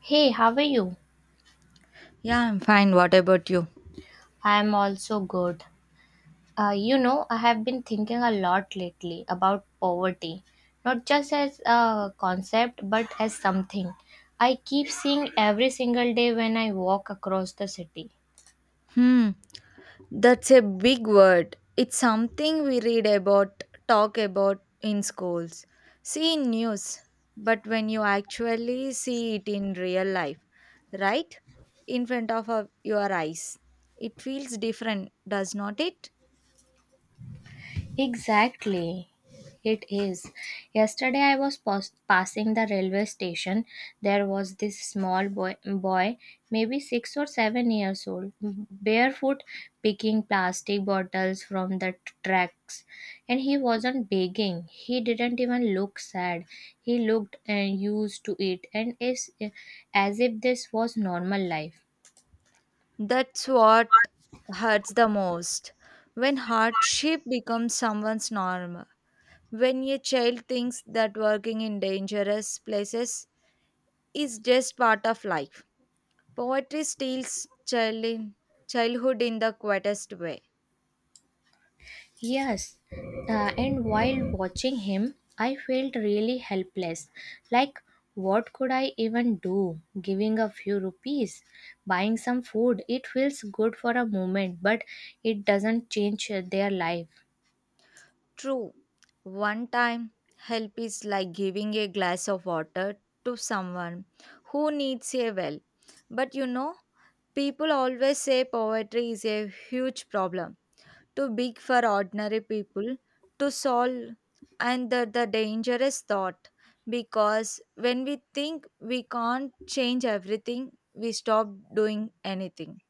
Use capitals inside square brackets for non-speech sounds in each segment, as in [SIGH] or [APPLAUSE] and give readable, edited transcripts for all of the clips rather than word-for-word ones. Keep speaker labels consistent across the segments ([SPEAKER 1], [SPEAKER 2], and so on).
[SPEAKER 1] Hey, how are you?
[SPEAKER 2] Yeah, I'm fine. What about you?
[SPEAKER 1] I am also good. I have been thinking a lot lately about poverty, not just as a concept, but as something I keep seeing every single day when I walk across the city.
[SPEAKER 2] Hmm, that's a big word. It's something we read about, talk about in schools, see in news, but when you actually see it in real life, right? In front of your eyes, it feels different, does not it?
[SPEAKER 1] Exactly. It is. Yesterday I was passing the railway station. There was this small boy, maybe 6 or 7 years old, barefoot picking plastic bottles from the tracks. And he wasn't begging. He didn't even look sad. He looked and used to it and is as if this was normal life.
[SPEAKER 2] That's what hurts the most. When hardship becomes someone's norm, when a child thinks that working in dangerous places is just part of life. Poetry steals child- childhood in the quietest way.
[SPEAKER 1] Yes, and while watching him, I felt really helpless. Like, what could I even do? Giving a few rupees, buying some food, it feels good for a moment, but it doesn't change their life.
[SPEAKER 2] True, one time help is like giving a glass of water to someone who needs a well. But you know, people always say poetry is a huge problem too big for ordinary people to solve, and the dangerous thought, because when we think we can't change everything, we stop doing anything.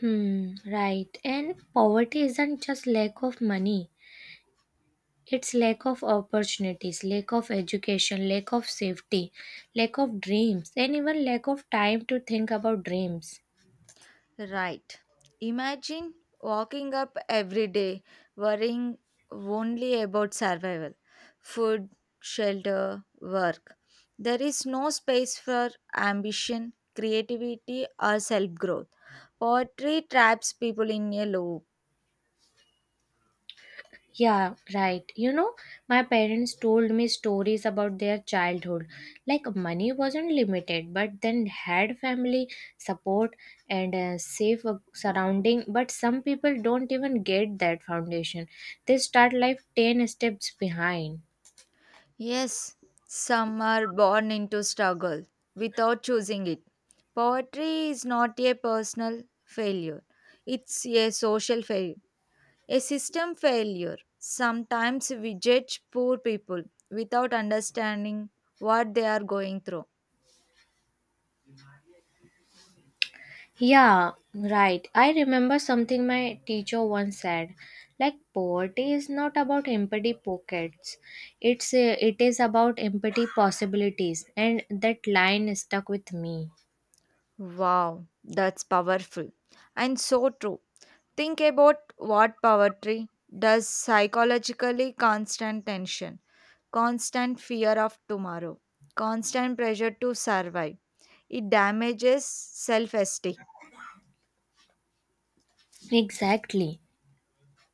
[SPEAKER 1] Hmm, right. And poverty isn't just lack of money, it's lack of opportunities, lack of education, lack of safety, lack of dreams, and even lack of time to think about dreams.
[SPEAKER 2] Right, imagine walking up every day worrying only about survival, food, shelter, work. There is no space for ambition, creativity, or self growth. Poetry traps people in a loop.
[SPEAKER 1] Yeah, right. My parents told me stories about their childhood. Like money wasn't limited, but then had family support and a safe surrounding. But some people don't even get that foundation. They start life 10 steps behind.
[SPEAKER 2] Yes, some are born into struggle without choosing it. Poetry is not a personal failure, it's a social failure, a system failure. Sometimes we judge poor people without understanding what they are going through.
[SPEAKER 1] Yeah, right. I remember something my teacher once said. Like poverty is not about empty pockets. It is about empty possibilities, and that line stuck with me.
[SPEAKER 2] Wow, that's powerful and so true. Think about what poetry does psychologically: constant tension, constant fear of tomorrow, constant pressure to survive. It damages self esteem,
[SPEAKER 1] Exactly.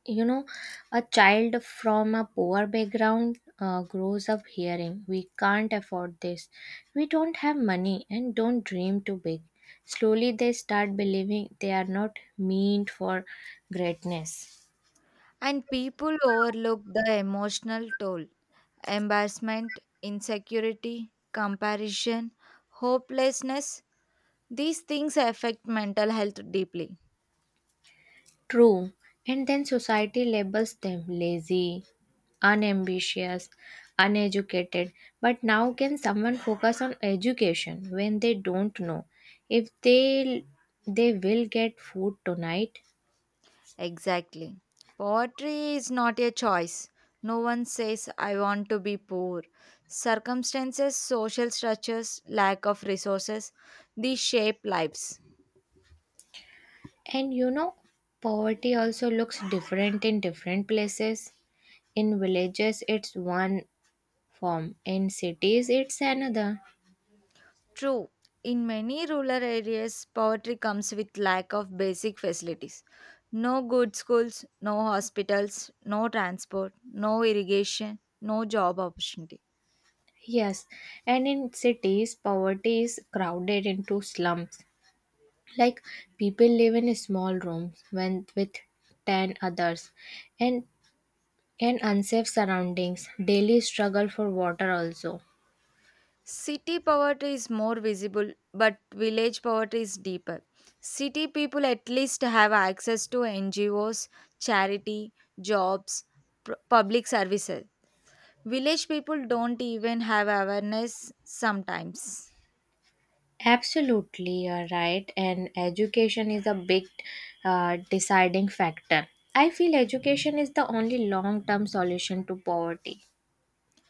[SPEAKER 1] You know, a child from a poor background grows up hearing, we can't afford this. We don't have money and don't dream too big. Slowly they start believing they are not meant for greatness.
[SPEAKER 2] and people overlook the emotional toll: embarrassment, insecurity, comparison, hopelessness. These things affect mental health deeply.
[SPEAKER 1] True, and then society labels them lazy, unambitious, uneducated. But now, can someone focus on education when they don't know if they will get food tonight?
[SPEAKER 2] Exactly. Poverty is not a choice. No one says, I want to be poor. Circumstances, social structures, lack of resources, these shape lives.
[SPEAKER 1] And poverty also looks different in different places. In villages, it's one form. In cities, it's another.
[SPEAKER 2] True. In many rural areas, poverty comes with lack of basic facilities. No good schools, no hospitals, no transport, no irrigation, no job opportunity.
[SPEAKER 1] Yes, and in cities, poverty is crowded into slums, like people live in small rooms when with 10 others and and unsafe surroundings, daily struggle for water also.
[SPEAKER 2] City poverty is more visible, but village poverty is deeper. City people at least have access to NGOs, charity, jobs, public services. Village people don't even have awareness sometimes.
[SPEAKER 1] Absolutely, you're right. And education is a big deciding factor. I feel education is the only long term solution to poverty.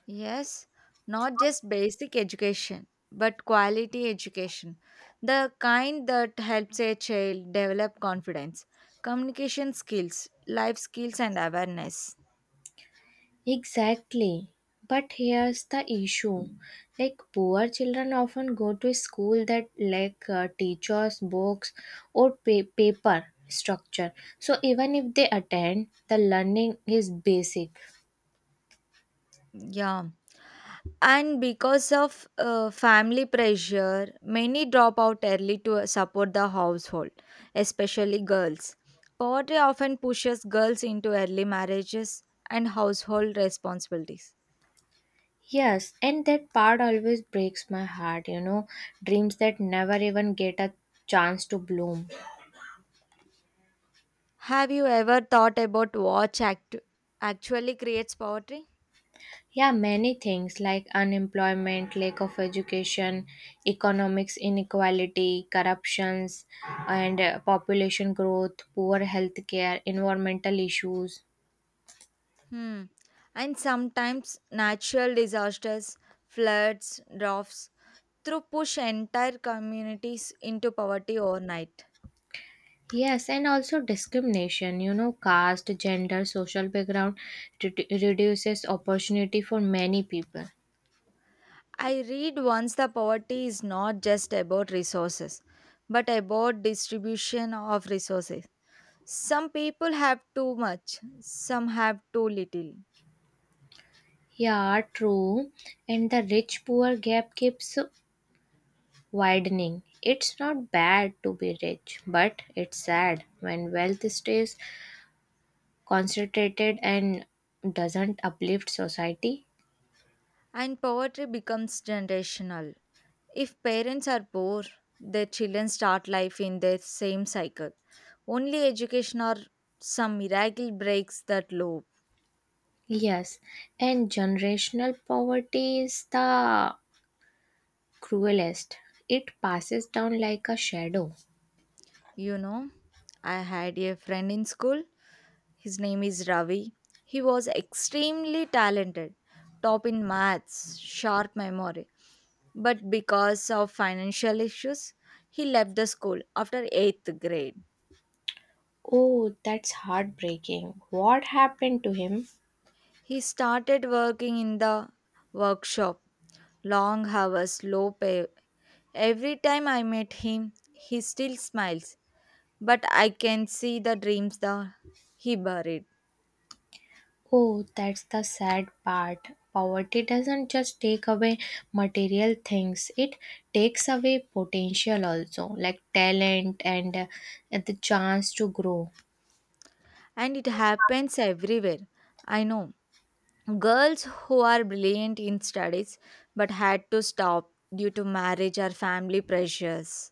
[SPEAKER 2] Yes, not just basic education, but quality education. The kind that helps a child develop confidence, communication skills, life skills, and awareness.
[SPEAKER 1] Exactly. But here's the issue. Like poor children often go to school that lack teachers, books or paper structure. So even if they attend, the learning is basic.
[SPEAKER 2] Yeah. And because of family pressure, many drop out early to support the household, especially girls. Poverty often pushes girls into early marriages and household responsibilities.
[SPEAKER 1] Yes, and that part always breaks my heart. Dreams that never even get a chance to bloom.
[SPEAKER 2] Have you ever thought about what actually creates poverty?
[SPEAKER 1] Yeah, many things like unemployment, lack of education, economics inequality, corruptions, and population growth, poor healthcare, environmental issues.
[SPEAKER 2] Hmm. And sometimes natural disasters, floods, droughts, through push entire communities into poverty overnight.
[SPEAKER 1] Yes, and also discrimination, caste, gender, social background reduces opportunity for many people.
[SPEAKER 2] I read once the poverty is not just about resources, but about distribution of resources. Some people have too much, some have too little,
[SPEAKER 1] Yeah, true. And the rich poor gap keeps widening. It's not bad to be rich, but it's sad when wealth stays concentrated and doesn't uplift society.
[SPEAKER 2] and poverty becomes generational. If parents are poor, their children start life in their same cycle. Only education or some miracle breaks that loop.
[SPEAKER 1] Yes, and generational poverty is the cruelest. It passes down like a shadow.
[SPEAKER 2] You know, I had a friend in school. His name is Ravi. He was extremely talented, top in maths, sharp memory. But because of financial issues, he left the school after 8th grade.
[SPEAKER 1] Oh, that's heartbreaking. What happened to him?
[SPEAKER 2] He started working in the workshop, long hours, low pay. Every time I meet him, he still smiles, but I can see the dreams that he buried.
[SPEAKER 1] Oh, that's the sad part. Poverty doesn't just take away material things, it takes away potential also, like talent and the chance to grow.
[SPEAKER 2] And it happens everywhere. I know. Girls who are brilliant in studies but had to stop due to marriage or family pressures.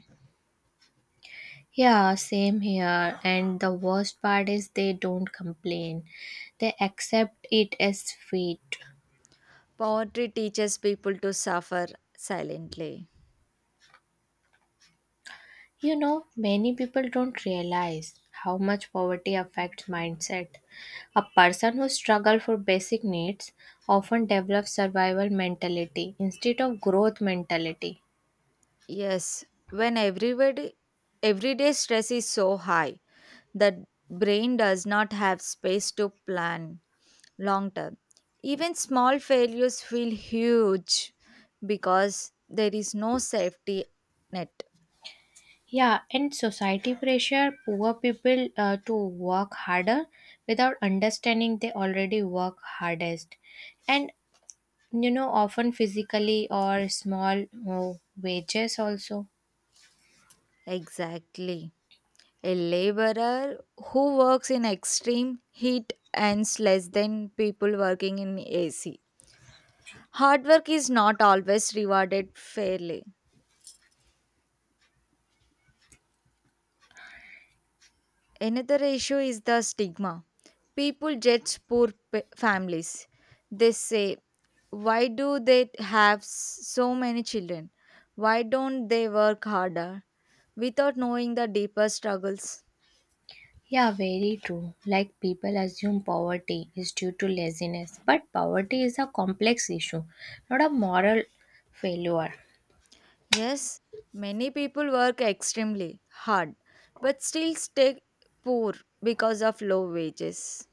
[SPEAKER 1] Yeah, same here. And the worst part is they don't complain. They accept it as fate.
[SPEAKER 2] Poetry teaches people to suffer silently.
[SPEAKER 1] Many people don't realize how much poverty affects mindset. A person who struggles for basic needs often develops survival mentality instead of growth mentality.
[SPEAKER 2] Yes, when everybody everyday stress is so high that brain does not have space to plan long term. Even small failures feel huge because there is no safety net.
[SPEAKER 1] Yeah, and society pressure poor people to work harder without understanding they already work hardest, and often physically or small wages also.
[SPEAKER 2] Exactly. A laborer who works in extreme heat earns less than people working in AC. Hard work is not always rewarded fairly. Another issue is the stigma. People judge poor families. They say, why do they have so many children? Why don't they work harder without knowing the deeper struggles?
[SPEAKER 1] Yeah, very true. Like people assume poverty is due to laziness, but poverty is a complex issue, not a moral failure.
[SPEAKER 2] Yes, many people work extremely hard but still stay poor because of low wages.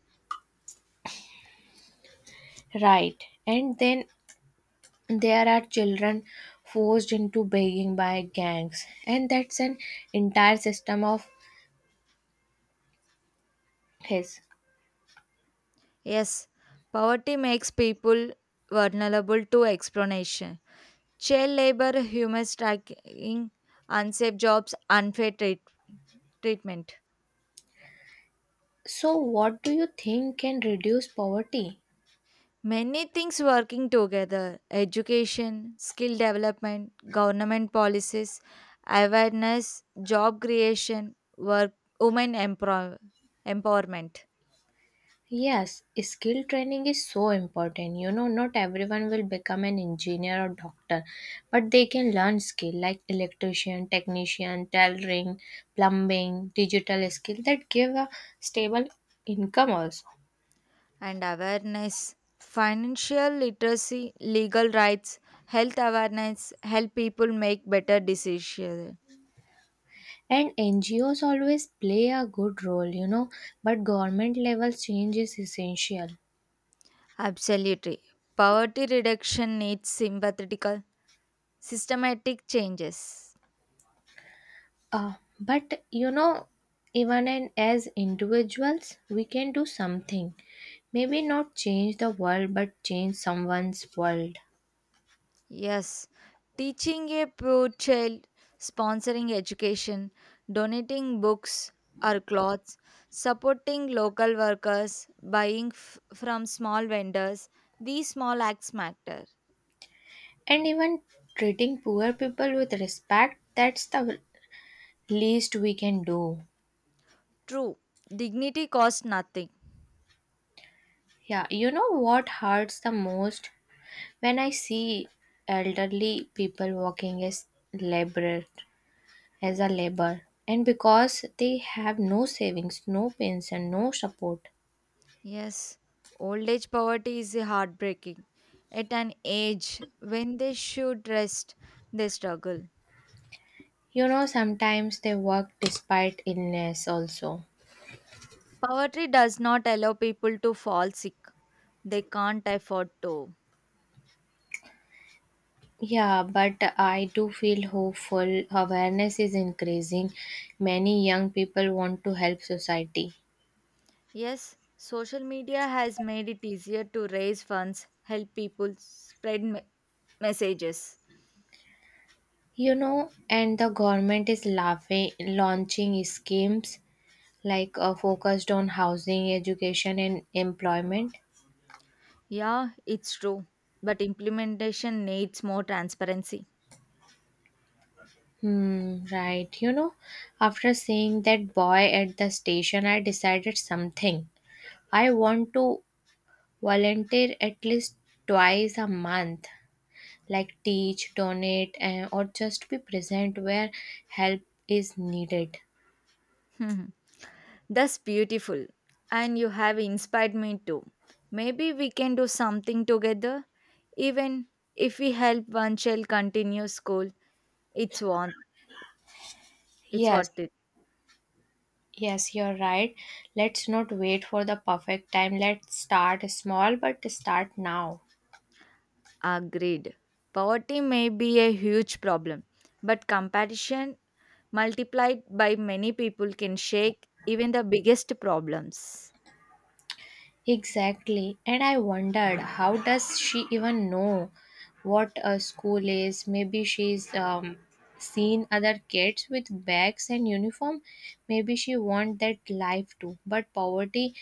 [SPEAKER 1] Right. And then there are children forced into begging by gangs, and that's an entire system of his.
[SPEAKER 2] Yes, poverty makes people vulnerable to exploitation. Child labor, human trafficking, unsafe jobs, unfair treatment.
[SPEAKER 1] So what do you think can reduce poverty?
[SPEAKER 2] Many things working together: education, skill development, government policies, awareness, job creation, work, women empowerment,
[SPEAKER 1] Yes, skill training is so important. Not everyone will become an engineer or doctor, but they can learn skill like electrician, technician, tailoring, plumbing, digital skill that give a stable income also.
[SPEAKER 2] and awareness. Financial literacy, legal rights, health awareness help people make better decisions.
[SPEAKER 1] And NGOs always play a good role, but government level change is essential.
[SPEAKER 2] Absolutely. Poverty reduction needs sympathetical, systematic changes.
[SPEAKER 1] Uh, but even and as individuals, we can do something. Maybe not change the world, but change someone's world.
[SPEAKER 2] Yes, teaching a poor child, sponsoring education, donating books or clothes, supporting local workers, buying from small vendors, these small acts matter.
[SPEAKER 1] And even treating poor people with respect, that's the least we can do.
[SPEAKER 2] True, dignity costs nothing.
[SPEAKER 1] Yeah, you know what hurts the most when I see elderly people working as laborer, as a labor, and because they have no savings, no pension, no support.
[SPEAKER 2] Yes, old age poverty is heartbreaking. At an age when they should rest, they struggle.
[SPEAKER 1] Sometimes they work despite illness also.
[SPEAKER 2] Poverty does not allow people to fall sick. They can't afford to.
[SPEAKER 1] Yeah, but I do feel hopeful. Awareness is increasing. Many young people want to help society.
[SPEAKER 2] Yes, social media has made it easier to raise funds, help people, spread messages.
[SPEAKER 1] And the government is launching schemes like focused on housing, education, and employment.
[SPEAKER 2] Yeah, it's true, but implementation needs more transparency.
[SPEAKER 1] Hmm, right. After seeing that boy at the station, I decided something. I want to Volunteer at least twice a month, like teach, donate, and, or just be present where help is needed.
[SPEAKER 2] [LAUGHS] That's beautiful, and you have inspired me too. Maybe we can do something together, even if we help one child continue school. It's what it's
[SPEAKER 1] Yes,
[SPEAKER 2] worth it.
[SPEAKER 1] yes, you're right. Let's not wait for the perfect time. Let's start small, but start now.
[SPEAKER 2] Agreed. Poverty may be a huge problem, but compassion multiplied by many people can shake even the biggest problems.
[SPEAKER 1] Exactly. And I wondered, how does she even know what a school is? Maybe she's seen other kids with bags and uniform. Maybe she want that life too. But poverty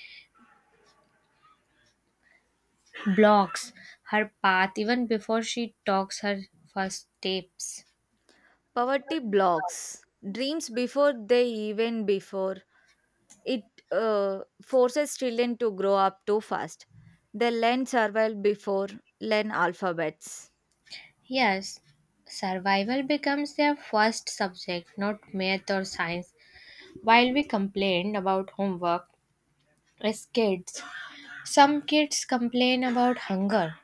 [SPEAKER 1] blocks her path even before she talks her first steps.
[SPEAKER 2] Poverty blocks dreams before they even before it forces children to grow up too fast. They learn survival before learn alphabets.
[SPEAKER 1] Yes, survival becomes their first subject, not math or science. While we complained about homework as kids, some kids complain about hunger.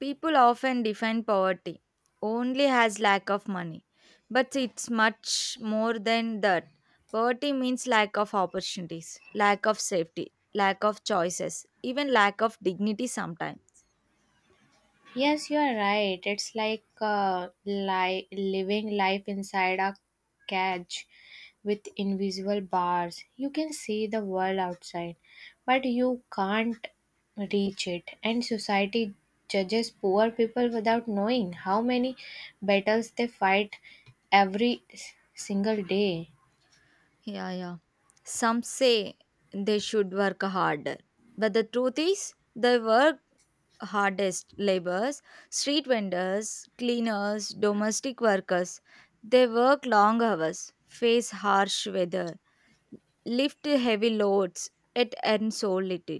[SPEAKER 2] People often define poverty only as lack of money, but it's much more than that. Poverty means lack of opportunities, lack of safety, lack of choices, even lack of dignity sometimes.
[SPEAKER 1] Yes, you are right. It's like living life inside a cage with invisible bars. You can see the world outside, but you can't reach it. And society judges poor people without knowing how many battles they fight every single day.
[SPEAKER 2] Yeah, yeah. Some say they should work harder, but the truth is they work hardest: laborers, street vendors, cleaners, domestic workers. They work long hours, face harsh weather, lift heavy loads, it earns so little.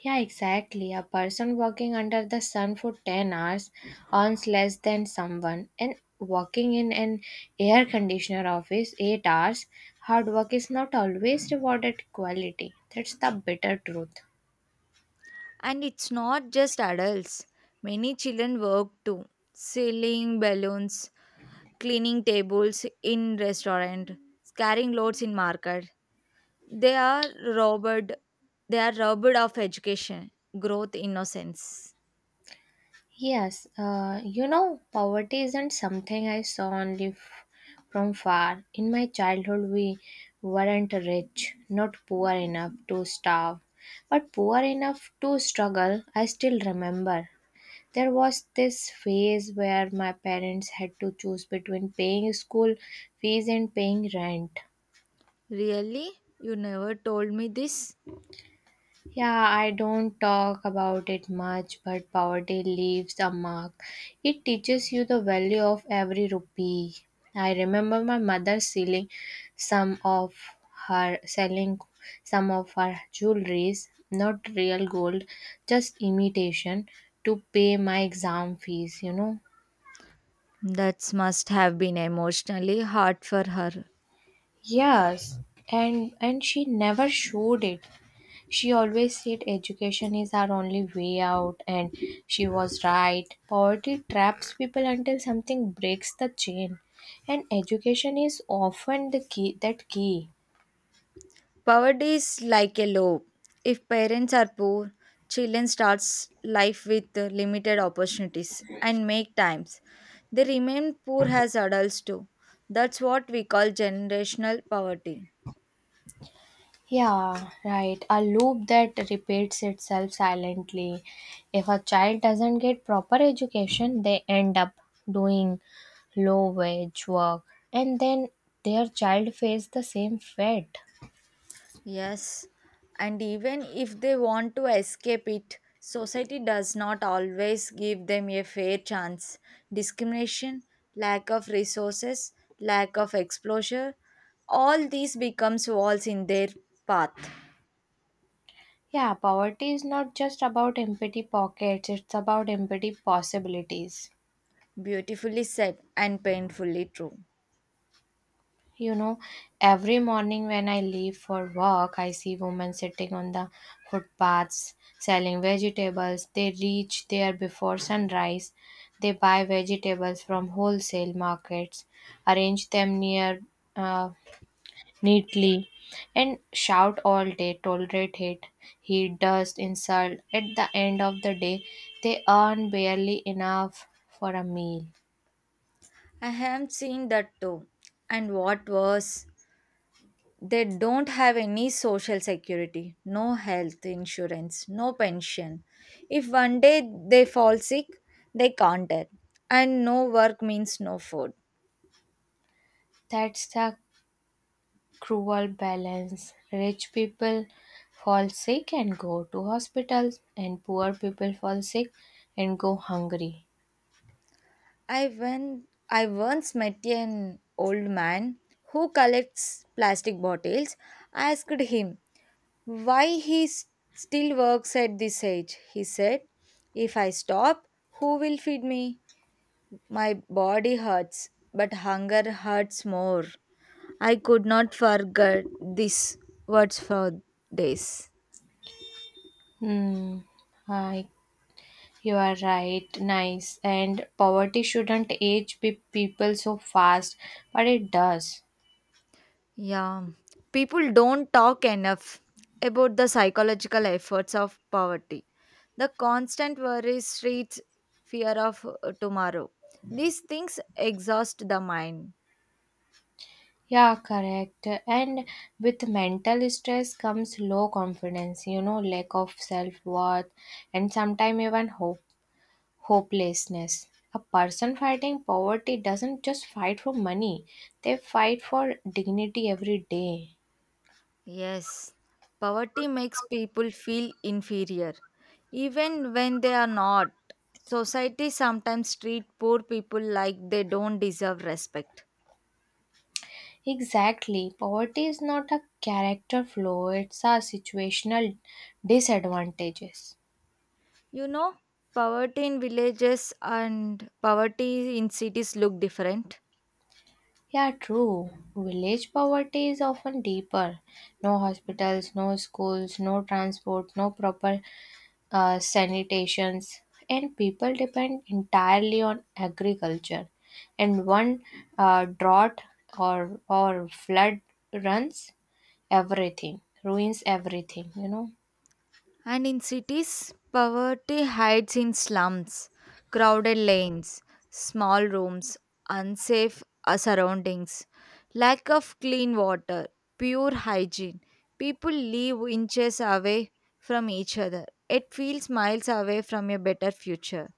[SPEAKER 1] Yeah, exactly. A person working under the sun for 10 hours earns less than someone and working in an air conditioner office 8 hours. Hard work is not always rewarded equality. That's the bitter truth.
[SPEAKER 2] And it's not just adults, many children work too, selling balloons, cleaning tables in restaurant, carrying loads in market. They are robbed, they are robbed of education, growth, innocence.
[SPEAKER 1] Yes, poverty isn't something I saw only from far. In my childhood, we weren't rich, not poor enough to starve, but poor enough to struggle. I still remember there was this phase where my parents had to choose between paying school fees and paying rent.
[SPEAKER 2] Really? You never told me this.
[SPEAKER 1] Yeah, I don't talk about it much, but poverty leaves a mark. It teaches you the value of every rupee. I remember my mother some of selling some of her jewelries, not real gold, just imitation, to pay my exam fees.
[SPEAKER 2] That must have been emotionally hard for her.
[SPEAKER 1] Yes, and she never showed it. She always said education is our only way out, and she was right. Poverty traps people until something breaks the chain, and education is often the key that key.
[SPEAKER 2] Poverty is like a low. If parents are poor, children starts life with limited opportunities and make times. They remain poor as adults too. That's what we call generational poverty.
[SPEAKER 1] Yeah, right. A loop that repeats itself silently. If a child doesn't get proper education, they end up doing low wage work, and then their child faces the same fate.
[SPEAKER 2] Yes, and even if they want to escape it, society does not always give them a fair chance. Discrimination, lack of resources, lack of exposure, all these becomes walls in their path.
[SPEAKER 1] Yeah, poverty is not just about empty pockets, it's about empty possibilities.
[SPEAKER 2] Beautifully said and painfully true.
[SPEAKER 1] You know, every morning when I leave for work, I see women sitting on the footpaths selling vegetables. They reach there before sunrise. They buy vegetables from wholesale markets, arrange them near uh, neatly, and shout all day, tolerate hate, heat, dust, insult. At the end of the day, they earn barely enough for a meal.
[SPEAKER 2] I have seen that too. And what worse, they don't have any social security, no health insurance, no pension. If one day they fall sick, they can't help. And no work means no food.
[SPEAKER 1] That's the cruel balance. Rich people fall sick and go to hospitals, and poor people fall sick and go hungry.
[SPEAKER 2] I once met an old man who collects plastic bottles. I asked him why he still works at this age. He said, if I stop, who will feed me? My body hurts, but hunger hurts more. I could not forget these words for days.
[SPEAKER 1] Hmm, I, you are right. Nice. And poverty shouldn't age people so fast, but it does.
[SPEAKER 2] Yeah, people don't talk enough about the psychological efforts of poverty. The constant worry, streets, fear of tomorrow. These things exhaust the mind.
[SPEAKER 1] Yeah, correct. And with mental stress comes low confidence, lack of self worth, and sometimes even hopelessness. A person fighting poverty doesn't just fight for money, they fight for dignity every day.
[SPEAKER 2] Yes, poverty makes people feel inferior, even when they are not. Society sometimes treat poor people like they don't deserve respect.
[SPEAKER 1] Exactly. Poverty is not a character flaw, it's a situational disadvantages.
[SPEAKER 2] You know, poverty in villages and poverty in cities look different.
[SPEAKER 1] Yeah, true. Village poverty is often deeper. No hospitals, no schools, no transport, no proper sanitations, and people depend entirely on agriculture. And one drought or flood runs ruins everything. You know.
[SPEAKER 2] And in cities, poverty hides in slums, crowded lanes, small rooms, unsafe surroundings, lack of clean water, pure hygiene. People live inches away from each other. It feels miles away from a better future.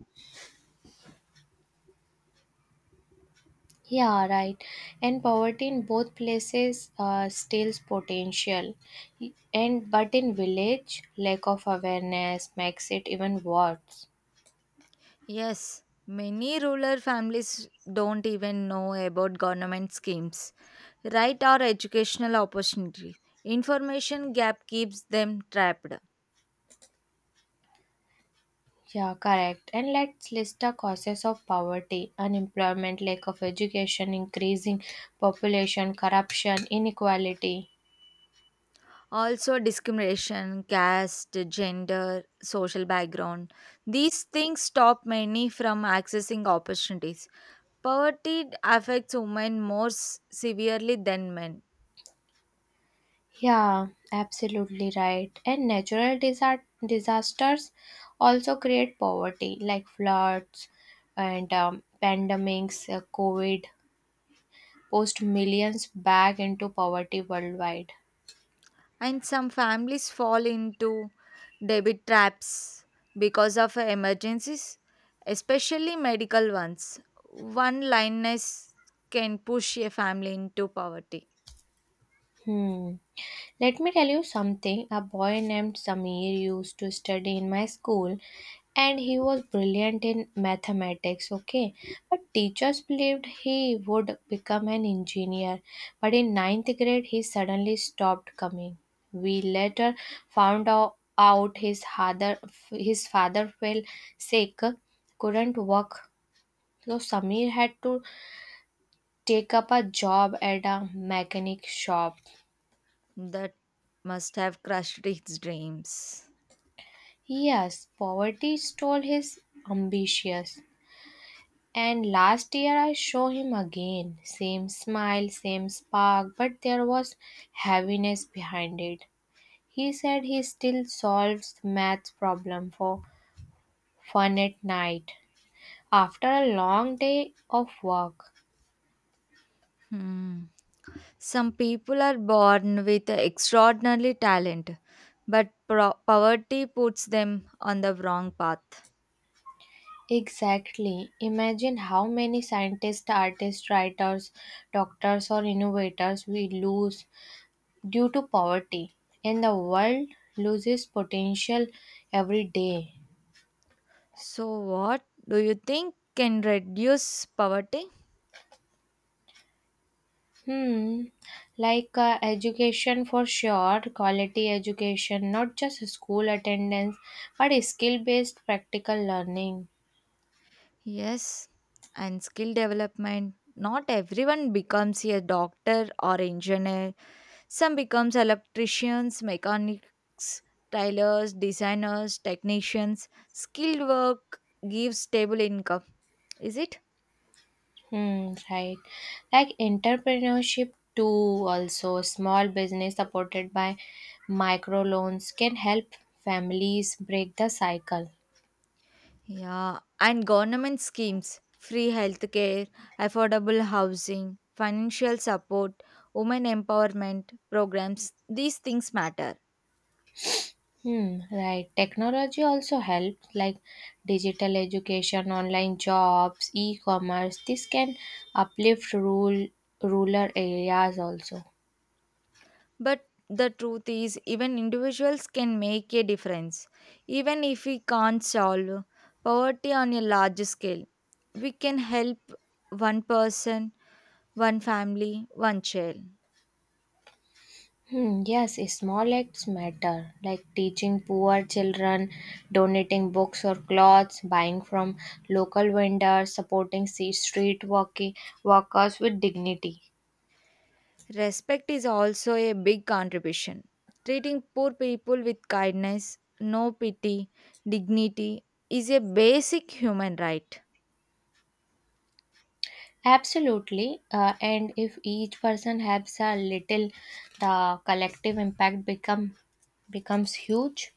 [SPEAKER 1] Yeah, right. And poverty in both places steals potential. And but in village, lack of awareness makes it even worse.
[SPEAKER 2] Yes, many rural families don't even know about government schemes, right, or educational opportunities. Information gap keeps them trapped.
[SPEAKER 1] Yeah, correct. And let's list the causes of poverty: unemployment, lack of education, increasing population, corruption, inequality.
[SPEAKER 2] Also, discrimination, caste, gender, social background, these things stop many from accessing opportunities. Poverty affects women more severely than men,
[SPEAKER 1] Yeah, absolutely right. And natural disasters also create poverty, like floods and pandemics, COVID, post millions back into poverty worldwide.
[SPEAKER 2] and some families fall into debit traps because of emergencies, especially medical ones. One lioness can push a family into poverty.
[SPEAKER 1] Hmm. Let me tell you something. A boy named Samir used to study in my school, and he was brilliant in mathematics, okay? But teachers believed he would become an engineer. But in ninth grade, he suddenly stopped coming. We later found out his father fell sick, couldn't work. So Samir had to take up a job at a mechanic shop.
[SPEAKER 2] That must have crushed its dreams.
[SPEAKER 1] Yes, poverty stole his ambitions. And last year I saw him again. Same smile, same spark, but there was heaviness behind it. He said he still solves math problem for fun at night after a long day of work.
[SPEAKER 2] Hmm. Some people are born with extraordinary talent, but poverty puts them on the wrong path.
[SPEAKER 1] Exactly. Imagine how many scientists, artists, writers, doctors, or innovators we lose due to poverty, and the world loses potential every day.
[SPEAKER 2] So, what do you think can reduce poverty?
[SPEAKER 1] Hmm, like education for sure, quality education, not just school attendance, but skill based practical learning.
[SPEAKER 2] Yes, and skill development. Not everyone becomes a doctor or engineer. Some becomes electricians, mechanics, tailors, designers, technicians. Skilled work gives stable income. Is it?
[SPEAKER 1] Hmm, right. Like entrepreneurship too, also small business supported by microloans can help families break the cycle.
[SPEAKER 2] Yeah, and government schemes, free healthcare, affordable housing, financial support, women empowerment programs, these things matter.
[SPEAKER 1] Hmm, right. Technology also helps, like digital education, online jobs, e-commerce. This can uplift rural areas also.
[SPEAKER 2] But the truth is, even individuals can make a difference. Even if we can't solve poverty on a large scale, we can help one person, one family, one child.
[SPEAKER 1] Hmm, yes, small acts matter, like teaching poor children, donating books or clothes, buying from local vendors, supporting street working workers with dignity.
[SPEAKER 2] Respect is also a big contribution. Treating poor people with kindness, no pity, dignity is a basic human right.
[SPEAKER 1] Absolutely. And if each person helps a little, the collective impact becomes huge.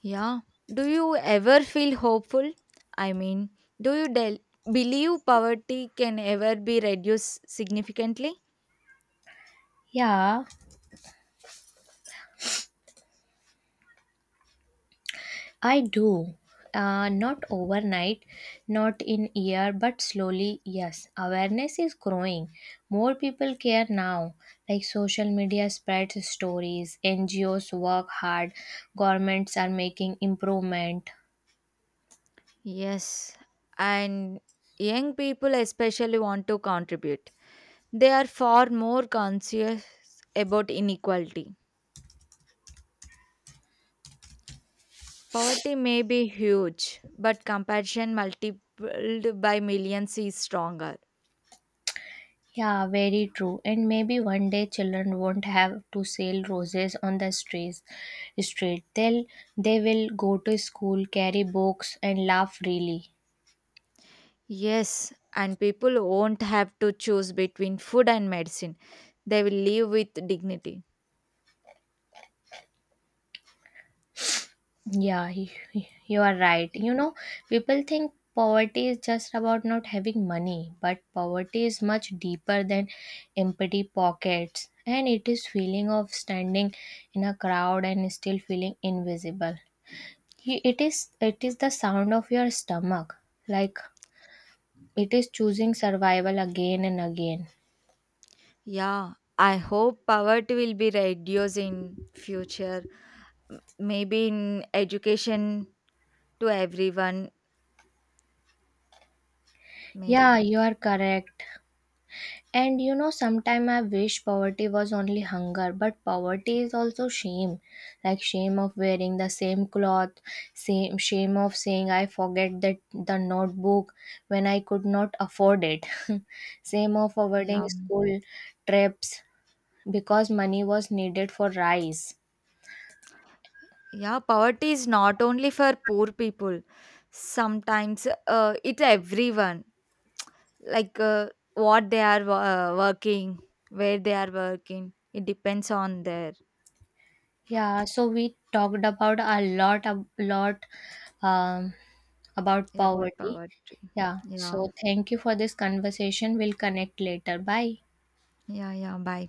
[SPEAKER 2] Yeah. Do you ever feel hopeful? I mean, do you believe poverty can ever be reduced significantly?
[SPEAKER 1] Yeah, I do. Not overnight, not in year, but slowly, yes. Awareness is growing. More people care now. Like social media spreads stories, NGOs work hard, governments are making improvement.
[SPEAKER 2] Yes. And young people especially want to contribute. They are far more conscious about inequality. Poverty may be huge, but compassion multiplied by millions is stronger.
[SPEAKER 1] Yeah, very true. And maybe one day children won't have to sell roses on the streets. Street. They'll, they will go to school, carry books, and laugh freely.
[SPEAKER 2] Yes, and people won't have to choose between food and medicine. They will live with dignity.
[SPEAKER 1] Yeah, you are right. People think poverty is just about not having money, but poverty is much deeper than empty pockets. And it is feeling of standing in a crowd and still feeling invisible. It is the sound of your stomach, like it is choosing survival again and again.
[SPEAKER 2] Yeah, I hope poverty will be reduced in future. Maybe in education to everyone, maybe.
[SPEAKER 1] Yeah, you are correct. And sometime I wish poverty was only hunger, but poverty is also shame. Like shame of wearing the same cloth, same shame of saying I forget that the notebook when I could not afford it. [LAUGHS] Shame of avoiding
[SPEAKER 2] Yeah. Mm.
[SPEAKER 1] school trips because money was needed for rice.
[SPEAKER 2] Yeah, poverty is not only for poor people. Sometimes it's everyone. Like what they are working, where they are working. It depends on their
[SPEAKER 1] Yeah, so we talked about a lot um about
[SPEAKER 2] about
[SPEAKER 1] poverty.
[SPEAKER 2] poverty.
[SPEAKER 1] Yeah.
[SPEAKER 2] Yeah.
[SPEAKER 1] So thank you for this conversation. We'll connect later. Bye.
[SPEAKER 2] Yeah, yeah. Bye.